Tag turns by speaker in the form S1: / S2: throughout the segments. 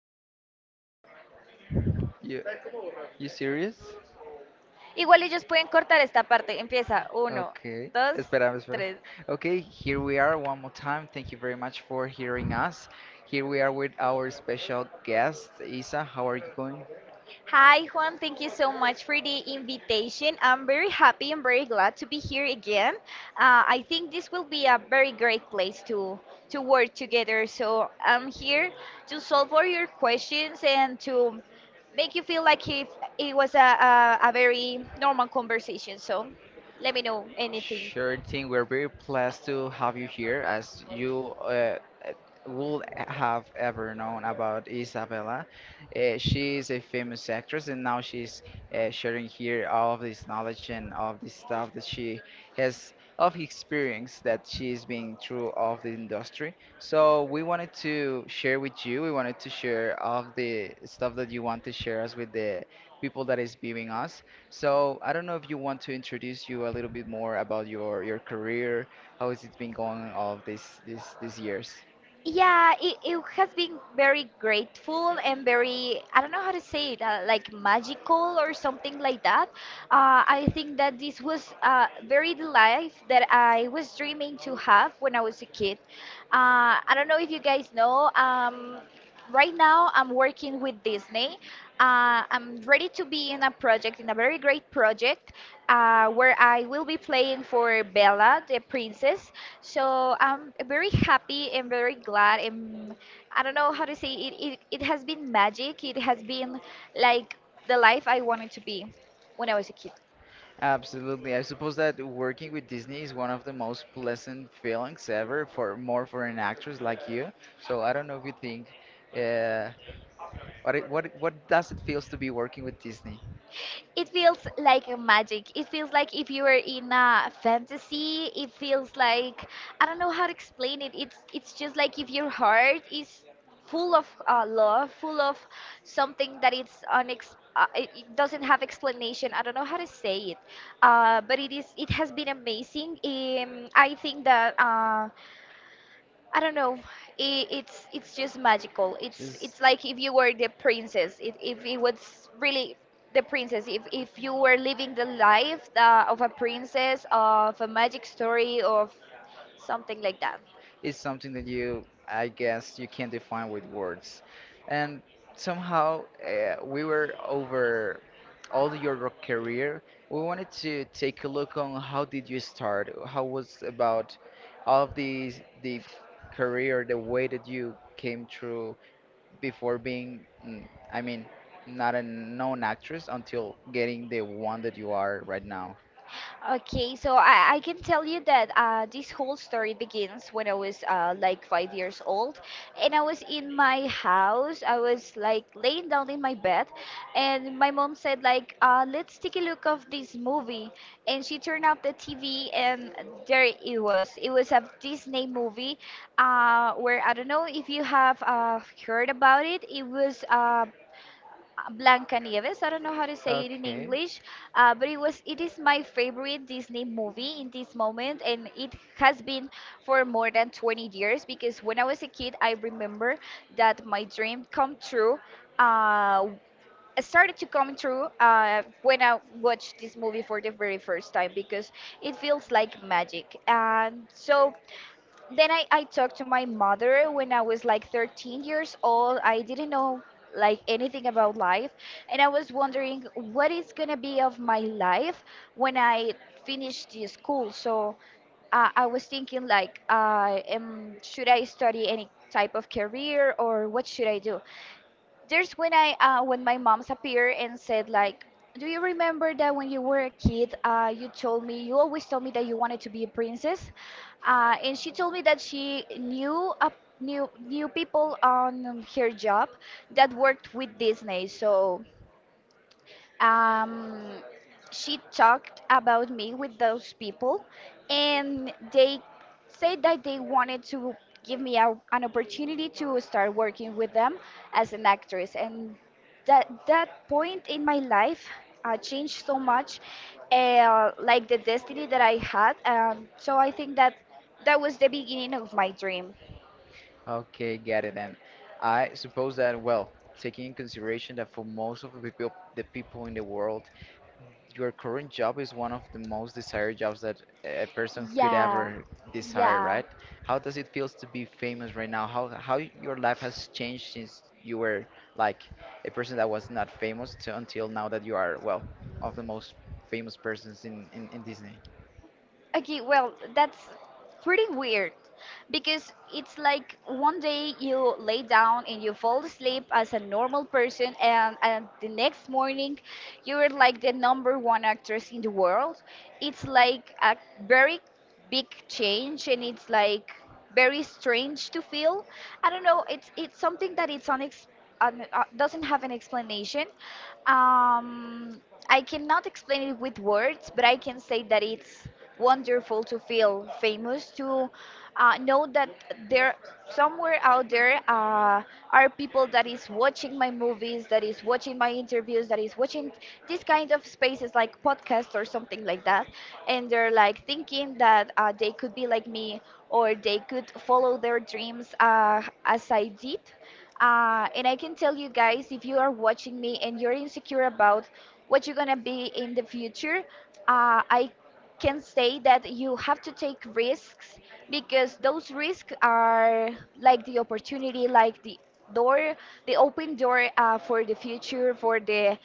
S1: Oh my God. You, you serious?
S2: Igual ellos pueden cortar esta parte. Empieza. Uno,
S1: Okay.
S2: dos,
S1: Espera, espera.
S2: tres.
S1: Okay, here we are one more time. Thank you very much for hearing us. Here we are with our special guest, Isa. How are you going?
S2: Hi, Juan. Thank you so much for the invitation. I'm very happy and very glad to be here again. I think this will be a very great place to work together. So I'm here to solve all your questions and to make you feel like if it was a very normal conversation. So let me know anything.
S1: Sure thing. We're very pleased to have you here, as you would have ever known about Isabella. She is a famous actress, and now she's sharing here all of this knowledge and all of this stuff that she has of experience that she's been through of the industry. So we wanted to share with you. We wanted to share all of the stuff that you want to share us with the people that is viewing us, so I don't know if you want to introduce you a little bit more about your career. How has it been going all these years?
S2: Yeah, it has been very grateful and very, I don't know how to say it, like magical or something like that. I think that this was very the life that I was dreaming to have when I was a kid. I don't know if you guys know, right now I'm working with Disney. I'm ready to be in a project, in a very great project, where I will be playing for Bella, the princess. So I'm very happy and very glad. And I don't know how to say it. It has been magic. It has been like the life I wanted to be when I was a kid.
S1: Absolutely. I suppose that working with Disney is one of the most pleasant feelings ever for more for an actress like you. So I don't know if you think, uh, what does it feels to be working with Disney?
S2: It feels like a magic. It feels like if you were in a fantasy. It feels like I don't know how to explain it. It's just like if your heart is full of love, full of something that it's it it doesn't have explanation. I don't know how to say it, but it is. It has been amazing. I think that. I don't know. I it's just magical. It's
S1: Just.
S2: it's like if you were the princess. If it was really the princess. If you were living the life of a princess, of a magic story, of something like that.
S1: It's something that you, I guess, you can't define with words. And somehow we were over all your rock career. We wanted to take a look on how did you start? How was about all of the career, the way that you came through before being, I mean, not a known actress until getting the one that you are right now.
S2: Okay, so I can tell you that this whole story begins when I was like 5 years old, and I was in my house. I was like laying down in my bed, and my mom said like, "Let's take a look of this movie." And she turned off the TV, and there it was. It was a Disney movie, where I don't know if you have heard about it. It was Blanca Nieves. I don't know how to say it in
S1: Okay.
S2: English, but it was it is my favorite Disney movie in this moment, and it has been for more than 20 years because when I was a kid, I remember that my dream come true. Uh, started to come true when I watched this movie for the very first time because it feels like magic. And so then I talked to my mother when I was like 13 years old. I didn't know like anything about life. And I was wondering what is going to be of my life when I finish the school. So I was thinking like, should I study any type of career or what should I do? There's when I when my mom's appeared and said like, "Do you remember that when you were a kid, you told me you always told me that you wanted to be a princess?" And she told me that she knew a, knew people on her job that worked with Disney. So um, she talked about me with those people, and they said that they wanted to give me a, an opportunity to start working with them as an actress. And that point in my life changed so much, like the destiny that I had. So I think that that was the beginning of my dream.
S1: Okay, got it. And I suppose that, well, taking in consideration that for most of the people in the world, your current job is one of the most desired jobs that a person could
S2: Yeah,
S1: ever desire,
S2: yeah.
S1: right? How does it feels to be famous right now? How your life has changed since you were like a person that was not famous to until now that you are, well, of the most famous persons in Disney?
S2: Okay, well, that's pretty weird because it's like one day you lay down and you fall asleep as a normal person, and the next morning you're like the number one actress in the world. It's like a very big change, and it's like very strange to feel. I don't know, it's something that it's doesn't have an explanation. um, I cannot explain it with words, but I can say that it's wonderful to feel famous, to know that there somewhere out there are people that is watching my movies, that is watching my interviews, that is watching these kind of spaces like podcasts or something like that, and they're like thinking that they could be like me or they could follow their dreams as I did. And I can tell you guys, if you are watching me and you're insecure about what you're gonna be in the future, I can say that you have to take risks because those risks are like the opportunity, like the door, the open door for the future, for the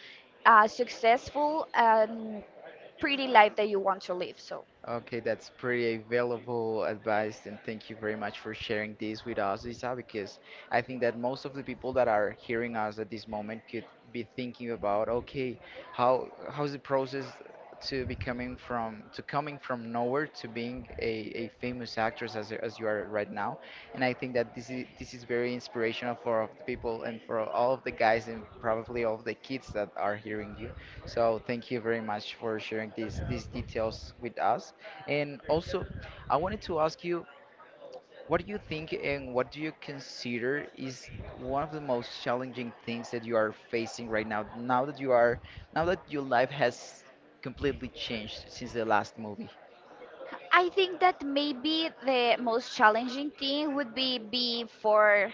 S2: successful and pretty life that you want to live. So.
S1: Okay, that's pretty valuable advice, and thank you very much for sharing this with us, Isa, because I think that most of the people that are hearing us at this moment could be thinking about, okay, how's the process to becoming from to coming from nowhere to being a famous actress as you are right now, and I think that this is very inspirational for all of the people and for all of the guys and probably all of the kids that are hearing you. So thank you very much for sharing these details with us. And also, I wanted to ask you, what do you think and what do you consider is one of the most challenging things that you are facing right now, now that your life has completely changed since the last movie?
S2: I think that maybe the most challenging thing would be for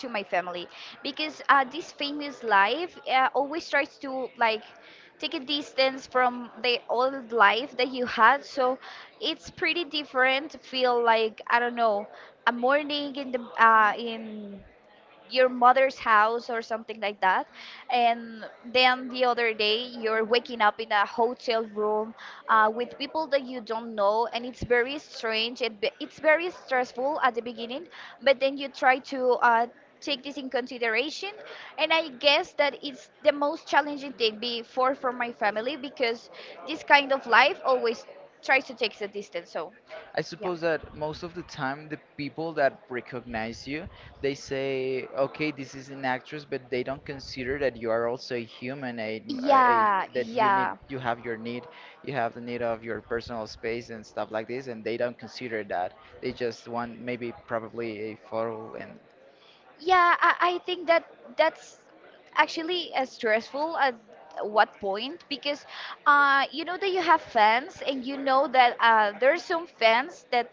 S2: to my family because this famous life always tries to like take a distance from the old life that you had, so it's pretty different to feel like, I don't know, a morning in the in your mother's house or something like that, and then the other day you're waking up in a hotel room with people that you don't know, and it's very strange it's very stressful at the beginning, but then you try to take this in consideration, and I guess that it's the most challenging thing before for my family because this kind of life always tries to take the distance so.
S1: I
S2: Yeah,
S1: suppose that most of the time the people that recognize you, they say, okay, this is an actress, but they don't consider that you are also a human, a
S2: yeah,
S1: that you need,
S2: yeah.
S1: you have the need of your personal space and stuff like this, and they don't consider that. They just want maybe probably a photo and.
S2: Yeah, I think that that's actually stressful at what point because you know that you have fans and you know that there are some fans that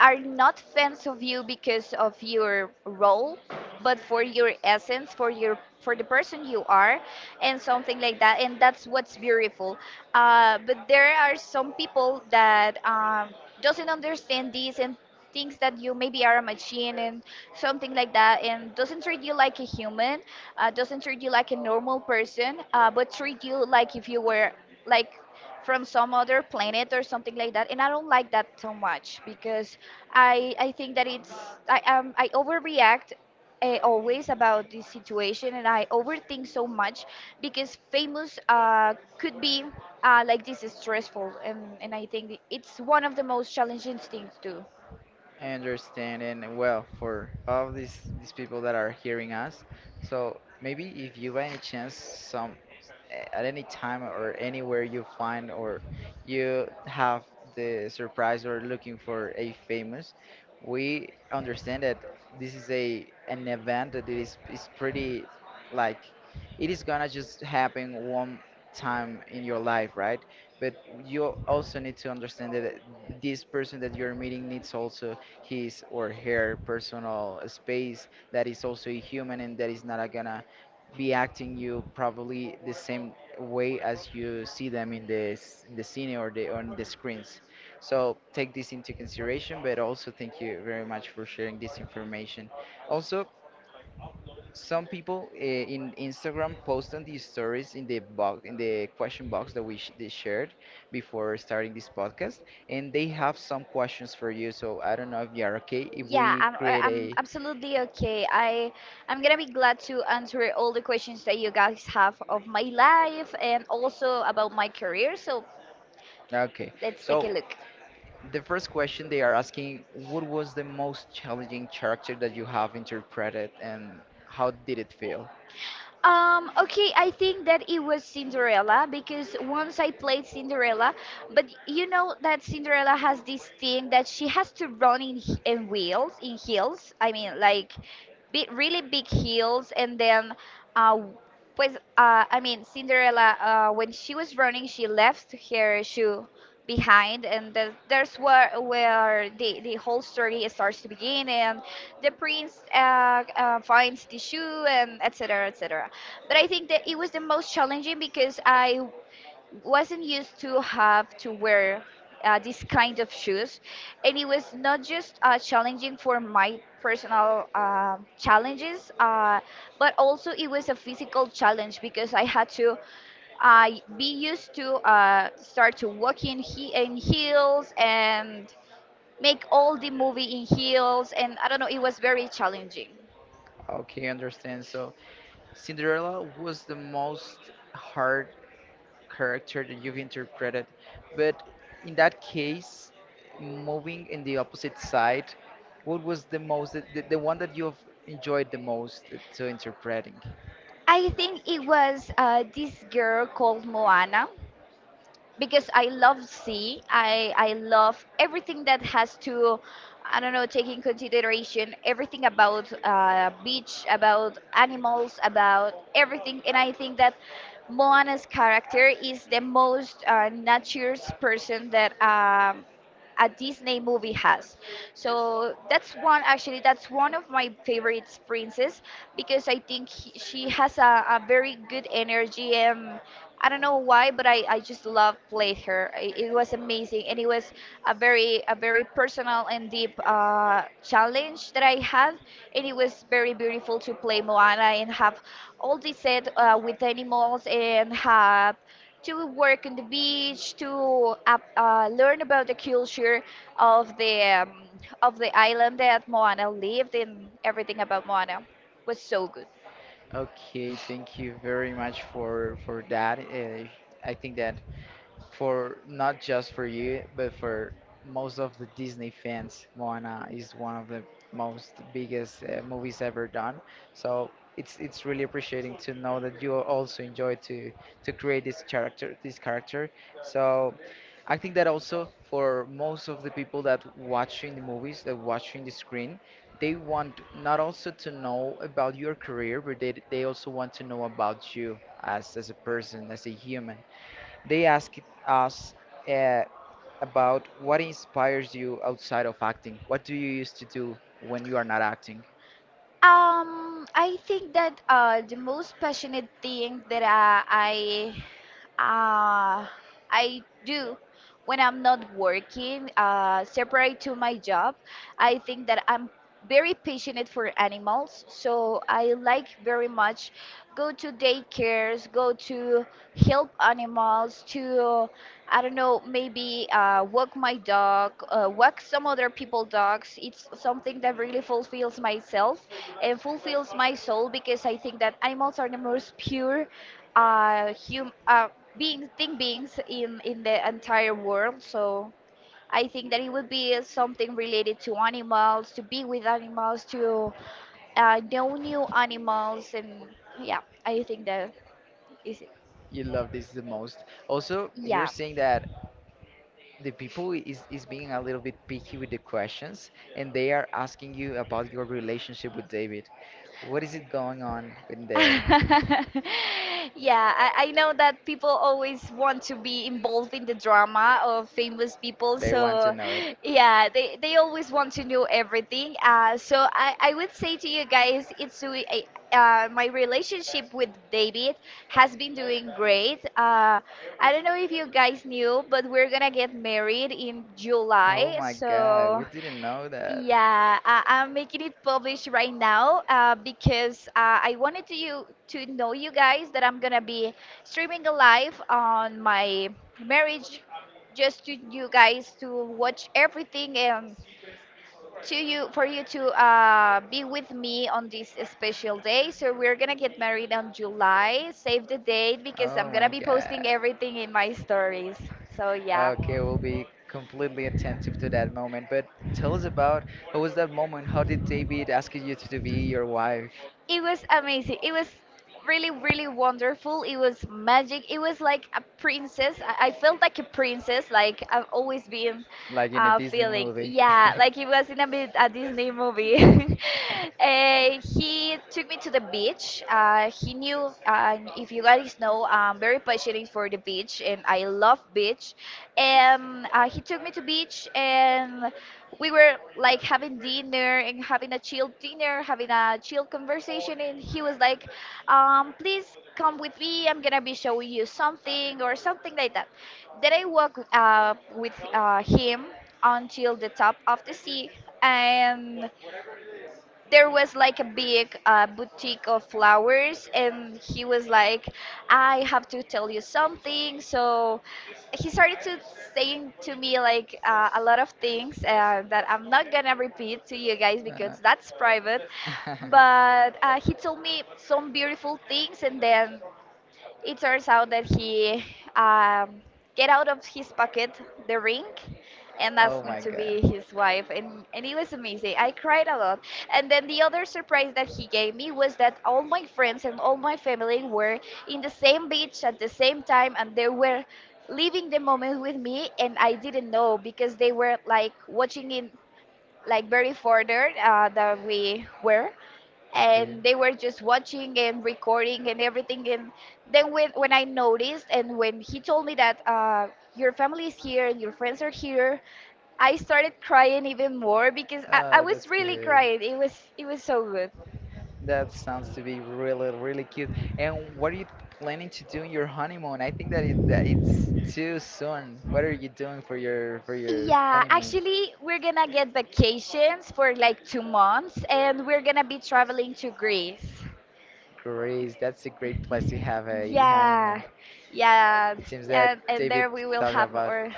S2: are not fans of you because of your role, but for your essence, for your for the person you are, and something like that. And that's what's beautiful. But there are some people that doesn't understand this and thinks that you maybe are a machine and something like that and doesn't treat you like a human, doesn't treat you like a normal person, but treat you like if you were like from some other planet or something like that, and I don't like that so much because I think that it's I overreact always about this situation, and I overthink so much because famous could be like this is stressful, and I think it's one of the most challenging things too.
S1: Understanding well, for all these people that are hearing us, so maybe if you by any chance some at any time or anywhere you find or you have the surprise or looking for a famous, we understand that this is a an event that it is pretty, like, it is gonna just happen one time in your life, right? But you also need to understand that this person that you're meeting needs also his or her personal space, that is also a human, and that is not gonna be acting you probably the same way as you see them in in the scene or the on the screens, so take this into consideration, but also thank you very much for sharing this information. Also, some people in Instagram post on these stories in the box, in the question box that we sh they shared before starting this podcast, and they have some questions for you. So I don't know if you are okay if
S2: Yeah,
S1: we
S2: I'm I-
S1: create
S2: I'm
S1: a.
S2: absolutely okay. I I'm gonna be glad to answer all the questions that you guys have of my life and also about my career. So
S1: Okay.
S2: let's take a
S1: So
S2: look.
S1: the first question they are asking, what was the most challenging character that you have interpreted, and how did it feel?
S2: Okay, I think that it was Cinderella because once I played Cinderella, but you know that Cinderella has this thing that she has to run in wheels, in heels. I mean, like big, really big heels, and then, uh, pues, I mean, Cinderella, when she was running, she left her shoe behind, and that, there's where the whole story starts to begin, and the prince finds the shoe, and etc. etc. But I think that it was the most challenging because I wasn't used to have to wear this kind of shoes, and it was not just challenging for my personal challenges, but also it was a physical challenge because I had to uh, be used to start to walk in, in heels and make all the movie in heels, and I don't know, it was very challenging.
S1: Okay, understand. So Cinderella was the most hard character that you've interpreted. But in that case, moving in the opposite side, what was the one that you've enjoyed the most to interpreting?
S2: I think it was this girl called Moana. Because I love sea. I love everything that has to, I don't know, take in consideration everything about beach, about animals, about everything. And I think that Moana's character is the most naturist person that a Disney movie has. So that's one, actually that's one of my favorite princess because I think she has a very good energy. And. I don't know why, but I just love played her. It was amazing, and it was a very personal and deep challenge that I had, and it was very beautiful to play Moana and have all this set with animals and have to work on the beach to learn about the culture of the um, of the island that Moana lived and everything about Moana was so good.
S1: Okay, thank you very much for that. I think that for not just for you, but for most of the Disney fans. Moana is one of the most biggest movies ever done. So it's really appreciating to know that you also enjoy to create this character. So I think that also for most of the people that watching the movies, that watching the screen, they want not also to know about your career, but they also want to know about you as a person, as a human. They asked us uh, about what inspires you outside of acting. What do you used to do when you are not acting?
S2: I think that the most passionate thing that I uh, I do when I'm not working, separate to my job, I think that I'm very passionate for animals. So I like very much go to daycares, go to help animals, to I don't know, maybe walk my dog, walk some other people's dogs. It's something that really fulfills myself and fulfills my soul because I think that animals are the most pure hum beings, thing beings in the entire world. So I think that it would be something related to animals, to be with animals, to know new animals, and yeah, I think that is it.
S1: You love this the most. Also, we're
S2: Yeah.
S1: seeing that the people is being a little bit picky with the questions, and they are asking you about your relationship with David. What is it going on in there?
S2: Yeah, I know that people always want to be involved in the drama of famous people.
S1: They want to
S2: So,
S1: know it.
S2: yeah, they always want to know everything. So I would say to you guys, my relationship with David has been doing great. I don't know if you guys knew, but we're gonna get married in
S1: Oh
S2: July.
S1: my God, we
S2: So,
S1: didn't know that.
S2: yeah, I'm making it published right now because I wanted to you to know you guys that I'm gonna be streaming live on my marriage, just to you guys to watch everything and to you for you to be with me on this special day. So we're gonna get married on July. Save the date because
S1: Oh
S2: I'm gonna
S1: my
S2: be posting
S1: God.
S2: everything in my stories. So yeah.
S1: Okay, we'll be completely attentive to that moment. But tell us about what was that moment? How did David ask you to be your wife,
S2: It was amazing. It was really, really wonderful. It was magic. It was like a princess. I felt like a princess. Like I've always been
S1: like in a Disney
S2: feeling.
S1: movie?
S2: Yeah, like it was in a Disney movie. He took me to the beach. He knew, if you guys know, I'm very passionate for the beach and I love beach. And he took me to beach and we were like having dinner and having a chill dinner, having a chill conversation, and he was like, "Please come with me. I'm gonna be showing you something or something like that." Then I walk with him until the top of the sea, and there was like a big boutique of flowers and he was like, I have to tell you something. So he started to saying to me like a lot of things that I'm not gonna repeat to you guys
S1: Uh,
S2: because that's private, but he told me some beautiful things, and then it turns out that he um, get out of his pocket the ring and
S1: oh
S2: asked me
S1: my
S2: to
S1: God.
S2: be his wife, and it was amazing. I cried a lot. And then the other surprise that he gave me was that all my friends and all my family were in the same beach at the same time, and they were living the moment with me, and I didn't know because they were like watching it like very further than we were,
S1: Okay.
S2: and they were just watching and recording and everything. And then when I noticed and when he told me that your family is here and your friends are here, I started crying even more because I
S1: Oh,
S2: was
S1: that's
S2: really
S1: good.
S2: crying. It was so good.
S1: That sounds to be really, really cute. And what are you planning to do in your honeymoon? I think that it's too soon. What are you doing for your
S2: Yeah,
S1: honeymoon?
S2: actually we're gonna get vacations for like 2 months and we're gonna be traveling to Greece.
S1: Great. That's a great place to have a honeymoon.
S2: Yeah. Yeah.
S1: It seems that
S2: And
S1: David
S2: there we will
S1: talked
S2: have
S1: about.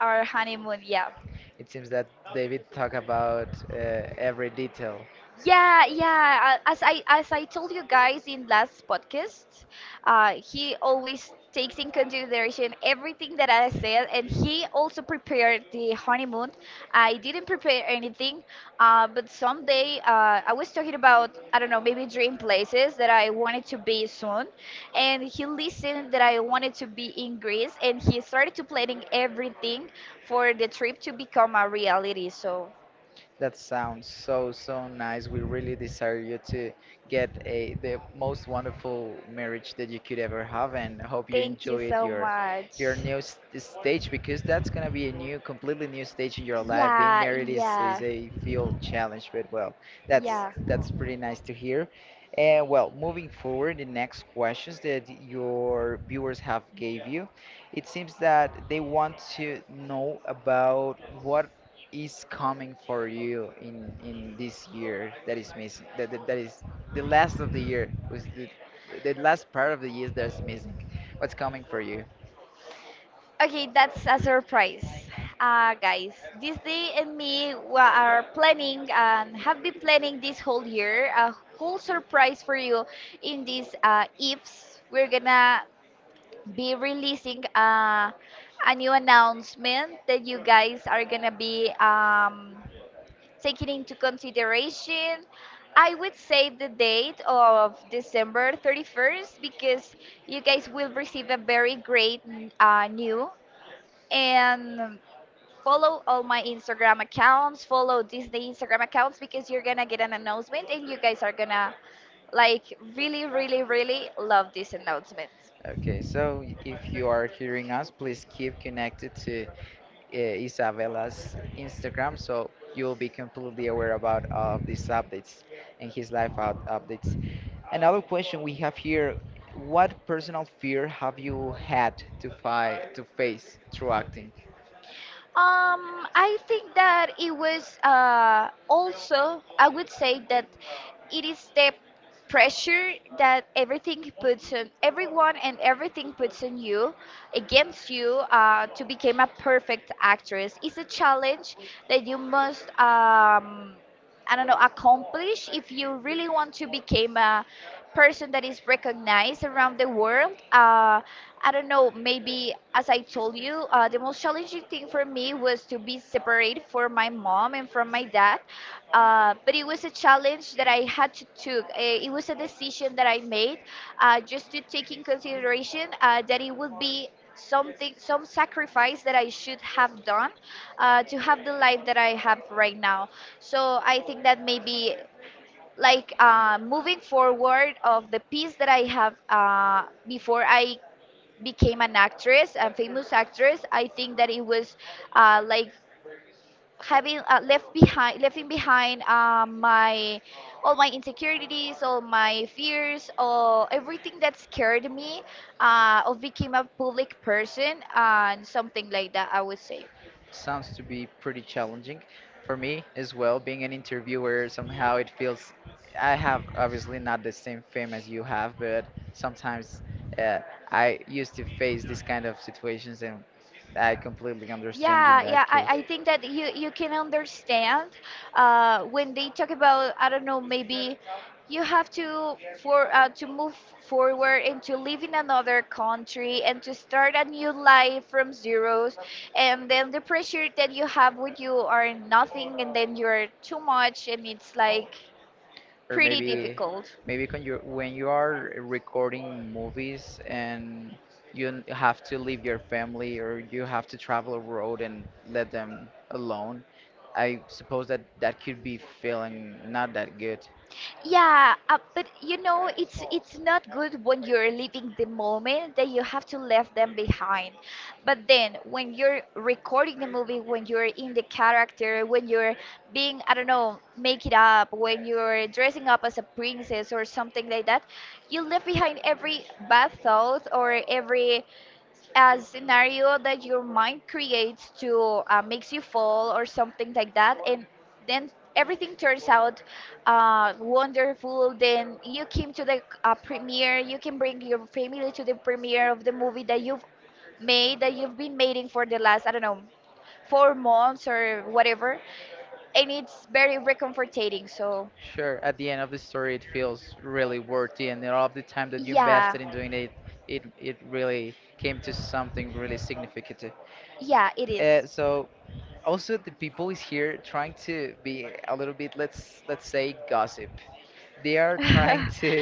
S2: our honeymoon. Yeah.
S1: It seems that David talked about every detail.
S2: Yeah, yeah. As I told you guys in last podcast, he always takes in consideration everything that I said, and he also prepared the honeymoon. I didn't prepare anything, but someday I was talking about I don't know maybe dream places that I wanted to be soon, and he listened that I wanted to be in Greece, and he started to planning everything for the trip to become a reality. So
S1: That sounds so, so nice. We really desire you to get a the most wonderful marriage that you could ever have, and hope you
S2: thank you
S1: enjoyed
S2: so
S1: your
S2: much.
S1: your new stage because that's gonna be a new, completely new stage in your life. Being
S2: Yeah,
S1: married is
S2: yeah,
S1: a field challenge, but well, that's
S2: yeah.
S1: that's pretty nice to hear. And well, moving forward, the next questions that your viewers have gave you, it seems that they want to know about what is coming for you in this year that is missing? That is the last of the year, was the last part of the year that's missing. What's coming for you?
S2: Okay, that's a surprise. Guys, this day and me wa- are planning and have been planning this whole year a whole surprise for you in these ifs. We're gonna be releasing a new announcement that you guys are gonna be taking into consideration. I would say the date of December 31st because you guys will receive a very great new, and follow all my Instagram accounts, follow Disney Instagram accounts because you're gonna get an announcement and you guys are gonna like really, really, really love this announcement.
S1: Okay, so if you are hearing us, please keep connected to Isabela's Instagram, so you will be completely aware about all of these updates and his life out updates. Another question we have here: what personal fear have you had to fight to face through acting?
S2: I think that it was also, I would say that it is the pressure that everything puts on everyone and everything puts on you against you to become a perfect actress. It's a challenge that you must, I don't know, accomplish if you really want to become a person that is recognized around the world. I don't know, maybe as I told you, the most challenging thing for me was to be separated from my mom and from my dad. But it was a challenge that I had to took. It was a decision that I made just to take in consideration that it would be something, some sacrifice that I should have done to have the life that I have right now. So I think that maybe like moving forward of the piece that I have before I became an actress, a famous actress, I think that it was like having left behind, leaving behind my all my insecurities, all my fears, all everything that scared me of became a public person and something like that. I would say.
S1: Sounds to be pretty challenging for me as well. Being an interviewer, somehow it feels I have obviously not the same fame as you have, but sometimes uh, I used to face these kind of situations, and I completely understand you in
S2: Yeah, yeah,
S1: that
S2: I,
S1: case.
S2: I think that you can understand when they talk about, I don't know, maybe you have to for to move forward and to live in another country and to start a new life from zeros, and then the pressure that you have when you are nothing and then you're too much and it's like
S1: Or
S2: pretty
S1: maybe
S2: difficult.
S1: maybe when you are recording movies and you have to leave your family, or you have to travel a road and let them alone. I suppose that that could be feeling not that good.
S2: Yeah, but you know, it's not good when you're leaving the moment that you have to leave them behind. But then when you're recording the movie, when you're in the character, when you're being, I don't know, make it up, when you're dressing up as a princess or something like that, you leave behind every bad thought or every a scenario that your mind creates to makes you fall or something like that, and then everything turns out wonderful. Then you came to the premiere. You can bring your family to the premiere of the movie that you've made, that you've been making for the last I don't know 4 months or whatever, and it's very recomforting. So
S1: Sure, at the end of the story it feels really worthy and all of the time that you
S2: yeah.
S1: invested in doing it. It really came to something really significant.
S2: Yeah, it is.
S1: So also the people is here trying to be a little bit, let's say, gossip. They are trying to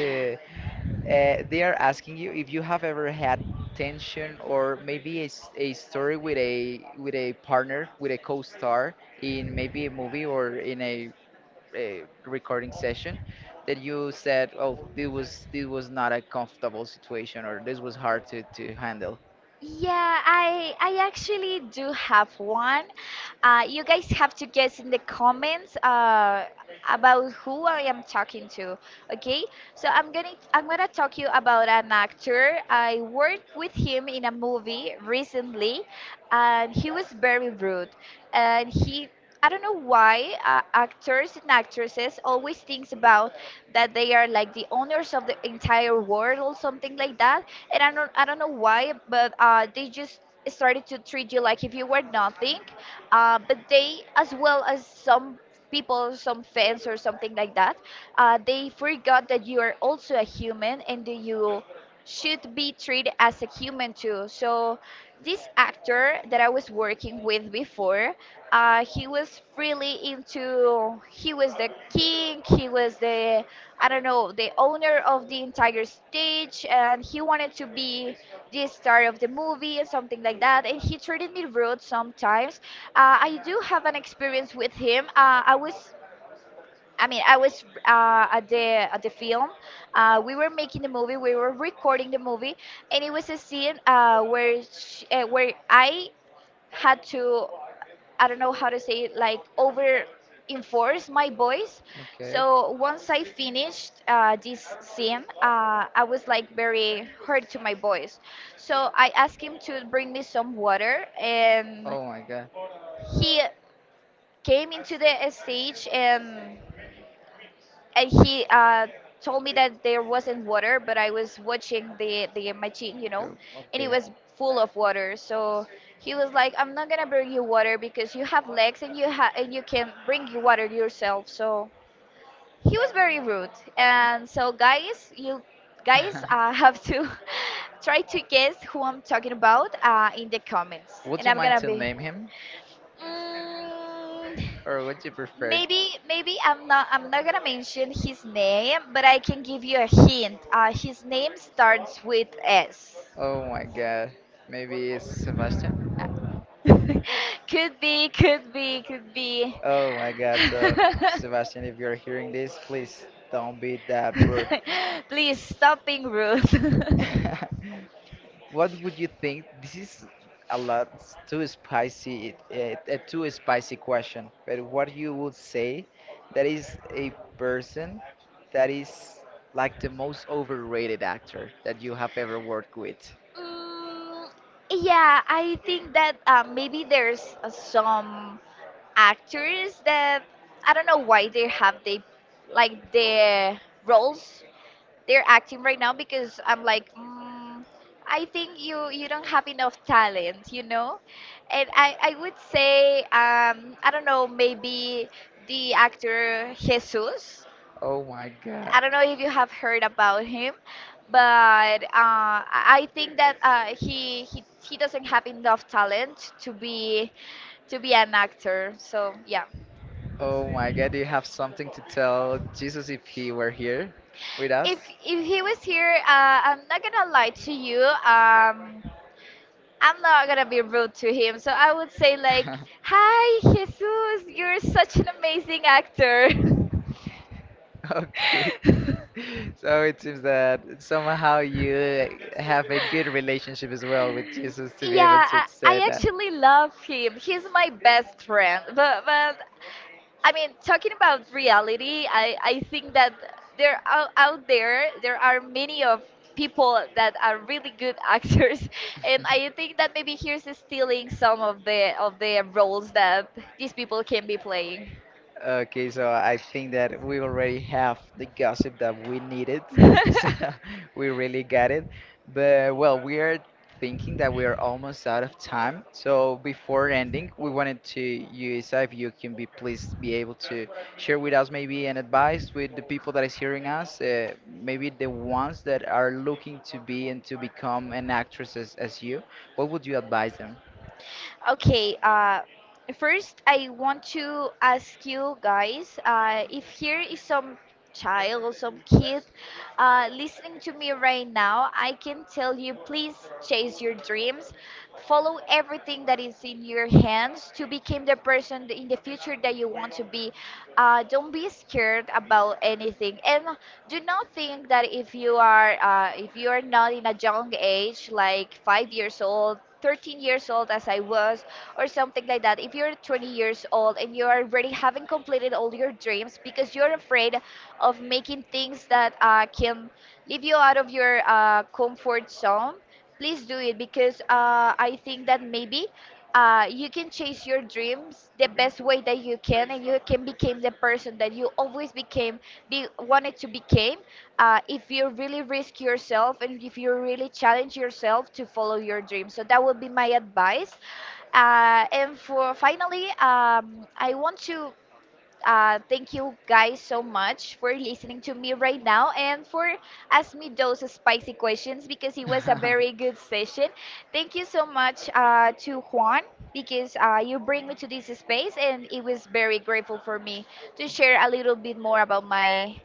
S1: they are asking you if you have ever had tension or maybe a story with a partner, with a co-star, in maybe a movie or in a recording session that you said, oh, this was not a comfortable situation, or this was hard to handle.
S2: Yeah, I actually do have one. You guys have to guess in the comments about who I am talking to. Okay, so I'm gonna talk you about an actor. I worked with him in a movie recently, and he was very rude, and he. I don't know why actors and actresses always thinks about that they are like the owners of the entire world or something like that, and I don't know why, but they just started to treat you like if you were nothing. But they, as well as some people, some fans or something like that, they forgot that you are also a human and that you should be treated as a human too. So this actor that I was working with before, he was really into. He was the king. He was the I don't know, the owner of the entire stage, and he wanted to be the star of the movie and something like that. And he treated me rude sometimes. I do have an experience with him. I was, I mean, I was at the film. We were making the movie. We were recording the movie, and it was a scene where she, where I had to. I don't know how to say it, like over enforce my voice.
S1: Okay.
S2: So once I finished this sim, I was like very hurt to my voice. So I asked him to bring me some water, and
S1: Oh my God.
S2: he came into the stage and and he told me that there wasn't water, but I was watching the machine, you know,
S1: Dope.
S2: and it
S1: Okay.
S2: was full of water. So he was like, "I'm not gonna bring you water because you have legs and and you can bring you water yourself." So he was very rude, and so guys, you guys have to try to guess who I'm talking about in the comments,
S1: Would
S2: and
S1: you
S2: I'm
S1: mind
S2: gonna
S1: to
S2: be.
S1: name him,
S2: Mm,
S1: or would you prefer?
S2: Maybe, I'm not gonna mention his name, but I can give you a hint. His name starts with S.
S1: Oh my God. Maybe it's Sebastian.
S2: Could be, could be, could be.
S1: Oh my God. So Sebastian, if you're hearing this, please don't be that rude.
S2: Please stop being rude.
S1: What would you think? This is a lot too spicy, a too spicy question. But what you would say that is a person that is like the most overrated actor that you have ever worked with?
S2: Mm, yeah, I think that maybe there's some actors that I don't know why they have they like their roles they're acting right now because I'm like, mm, I think you don't have enough talent, you know? And I would say I don't know maybe the actor Jesus.
S1: Oh my God.
S2: I don't know if you have heard about him, but I think that he doesn't have enough talent to be an actor. So yeah,
S1: Oh my God, do you have something to tell Jesus if he were here with
S2: if
S1: us?
S2: he was here, I'm not gonna lie to you. I'm not gonna be rude to him, so I would say like, "Hi, Jesus, you're such an amazing actor."
S1: Okay. So it seems that somehow you have a good relationship as well with Jesus to be able
S2: Yeah,
S1: to
S2: I,
S1: say
S2: I
S1: that.
S2: actually love him. He's my best friend. But I mean, talking about reality, I think that there out, out there are many of people that are really good actors, and I think that maybe he's stealing some of the roles that these people can be playing.
S1: Okay, so I think that we already have the gossip that we needed. So we really got it. But well, we are thinking that we are almost out of time. So before ending, we wanted to you, Isa, if you can be, please, be able to share with us maybe an advice with the people that is hearing us, maybe the ones that are looking to be and to become an actress as you. What would you advise them?
S2: Okay, first I want to ask you guys, if here is some child or some kid listening to me right now, I can tell you please chase your dreams, follow everything that is in your hands to become the person in the future that you want to be. Don't be scared about anything, and do not think that if you are not in a young age, like 5 years old 13 years old as I was, or something like that. If you're 20 years old and you already haven't completed all your dreams because you're afraid of making things that can leave you out of your comfort zone, please do it because I think that maybe you can chase your dreams the best way that you can and you can become the person that you always wanted to become if you really risk yourself and if you really challenge yourself to follow your dream. So that would be my advice. And for finally, I want to thank you guys so much for listening to me right now and for asking me those spicy questions because it was a very good session. Thank you so much to Juan because you bring me to this space and it was very grateful for me to share a little bit more about my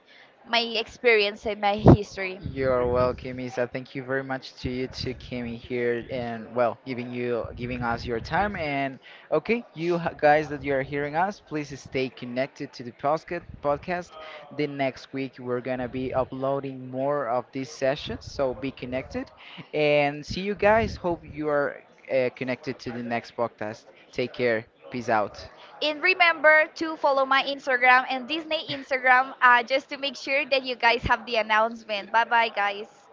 S2: my experience and my history.
S1: You're welcome, Isa. Thank you very much to you to coming here and, well, giving you giving us your time. And okay, you guys that you are hearing us, please stay connected to the podcast. The next week we're gonna be uploading more of these sessions, so be connected. And see you guys. Hope you are connected to the next podcast. Take care. Peace out.
S2: And remember to follow my Instagram and Disney Instagram just to make sure that you guys have the announcement. Bye bye, guys.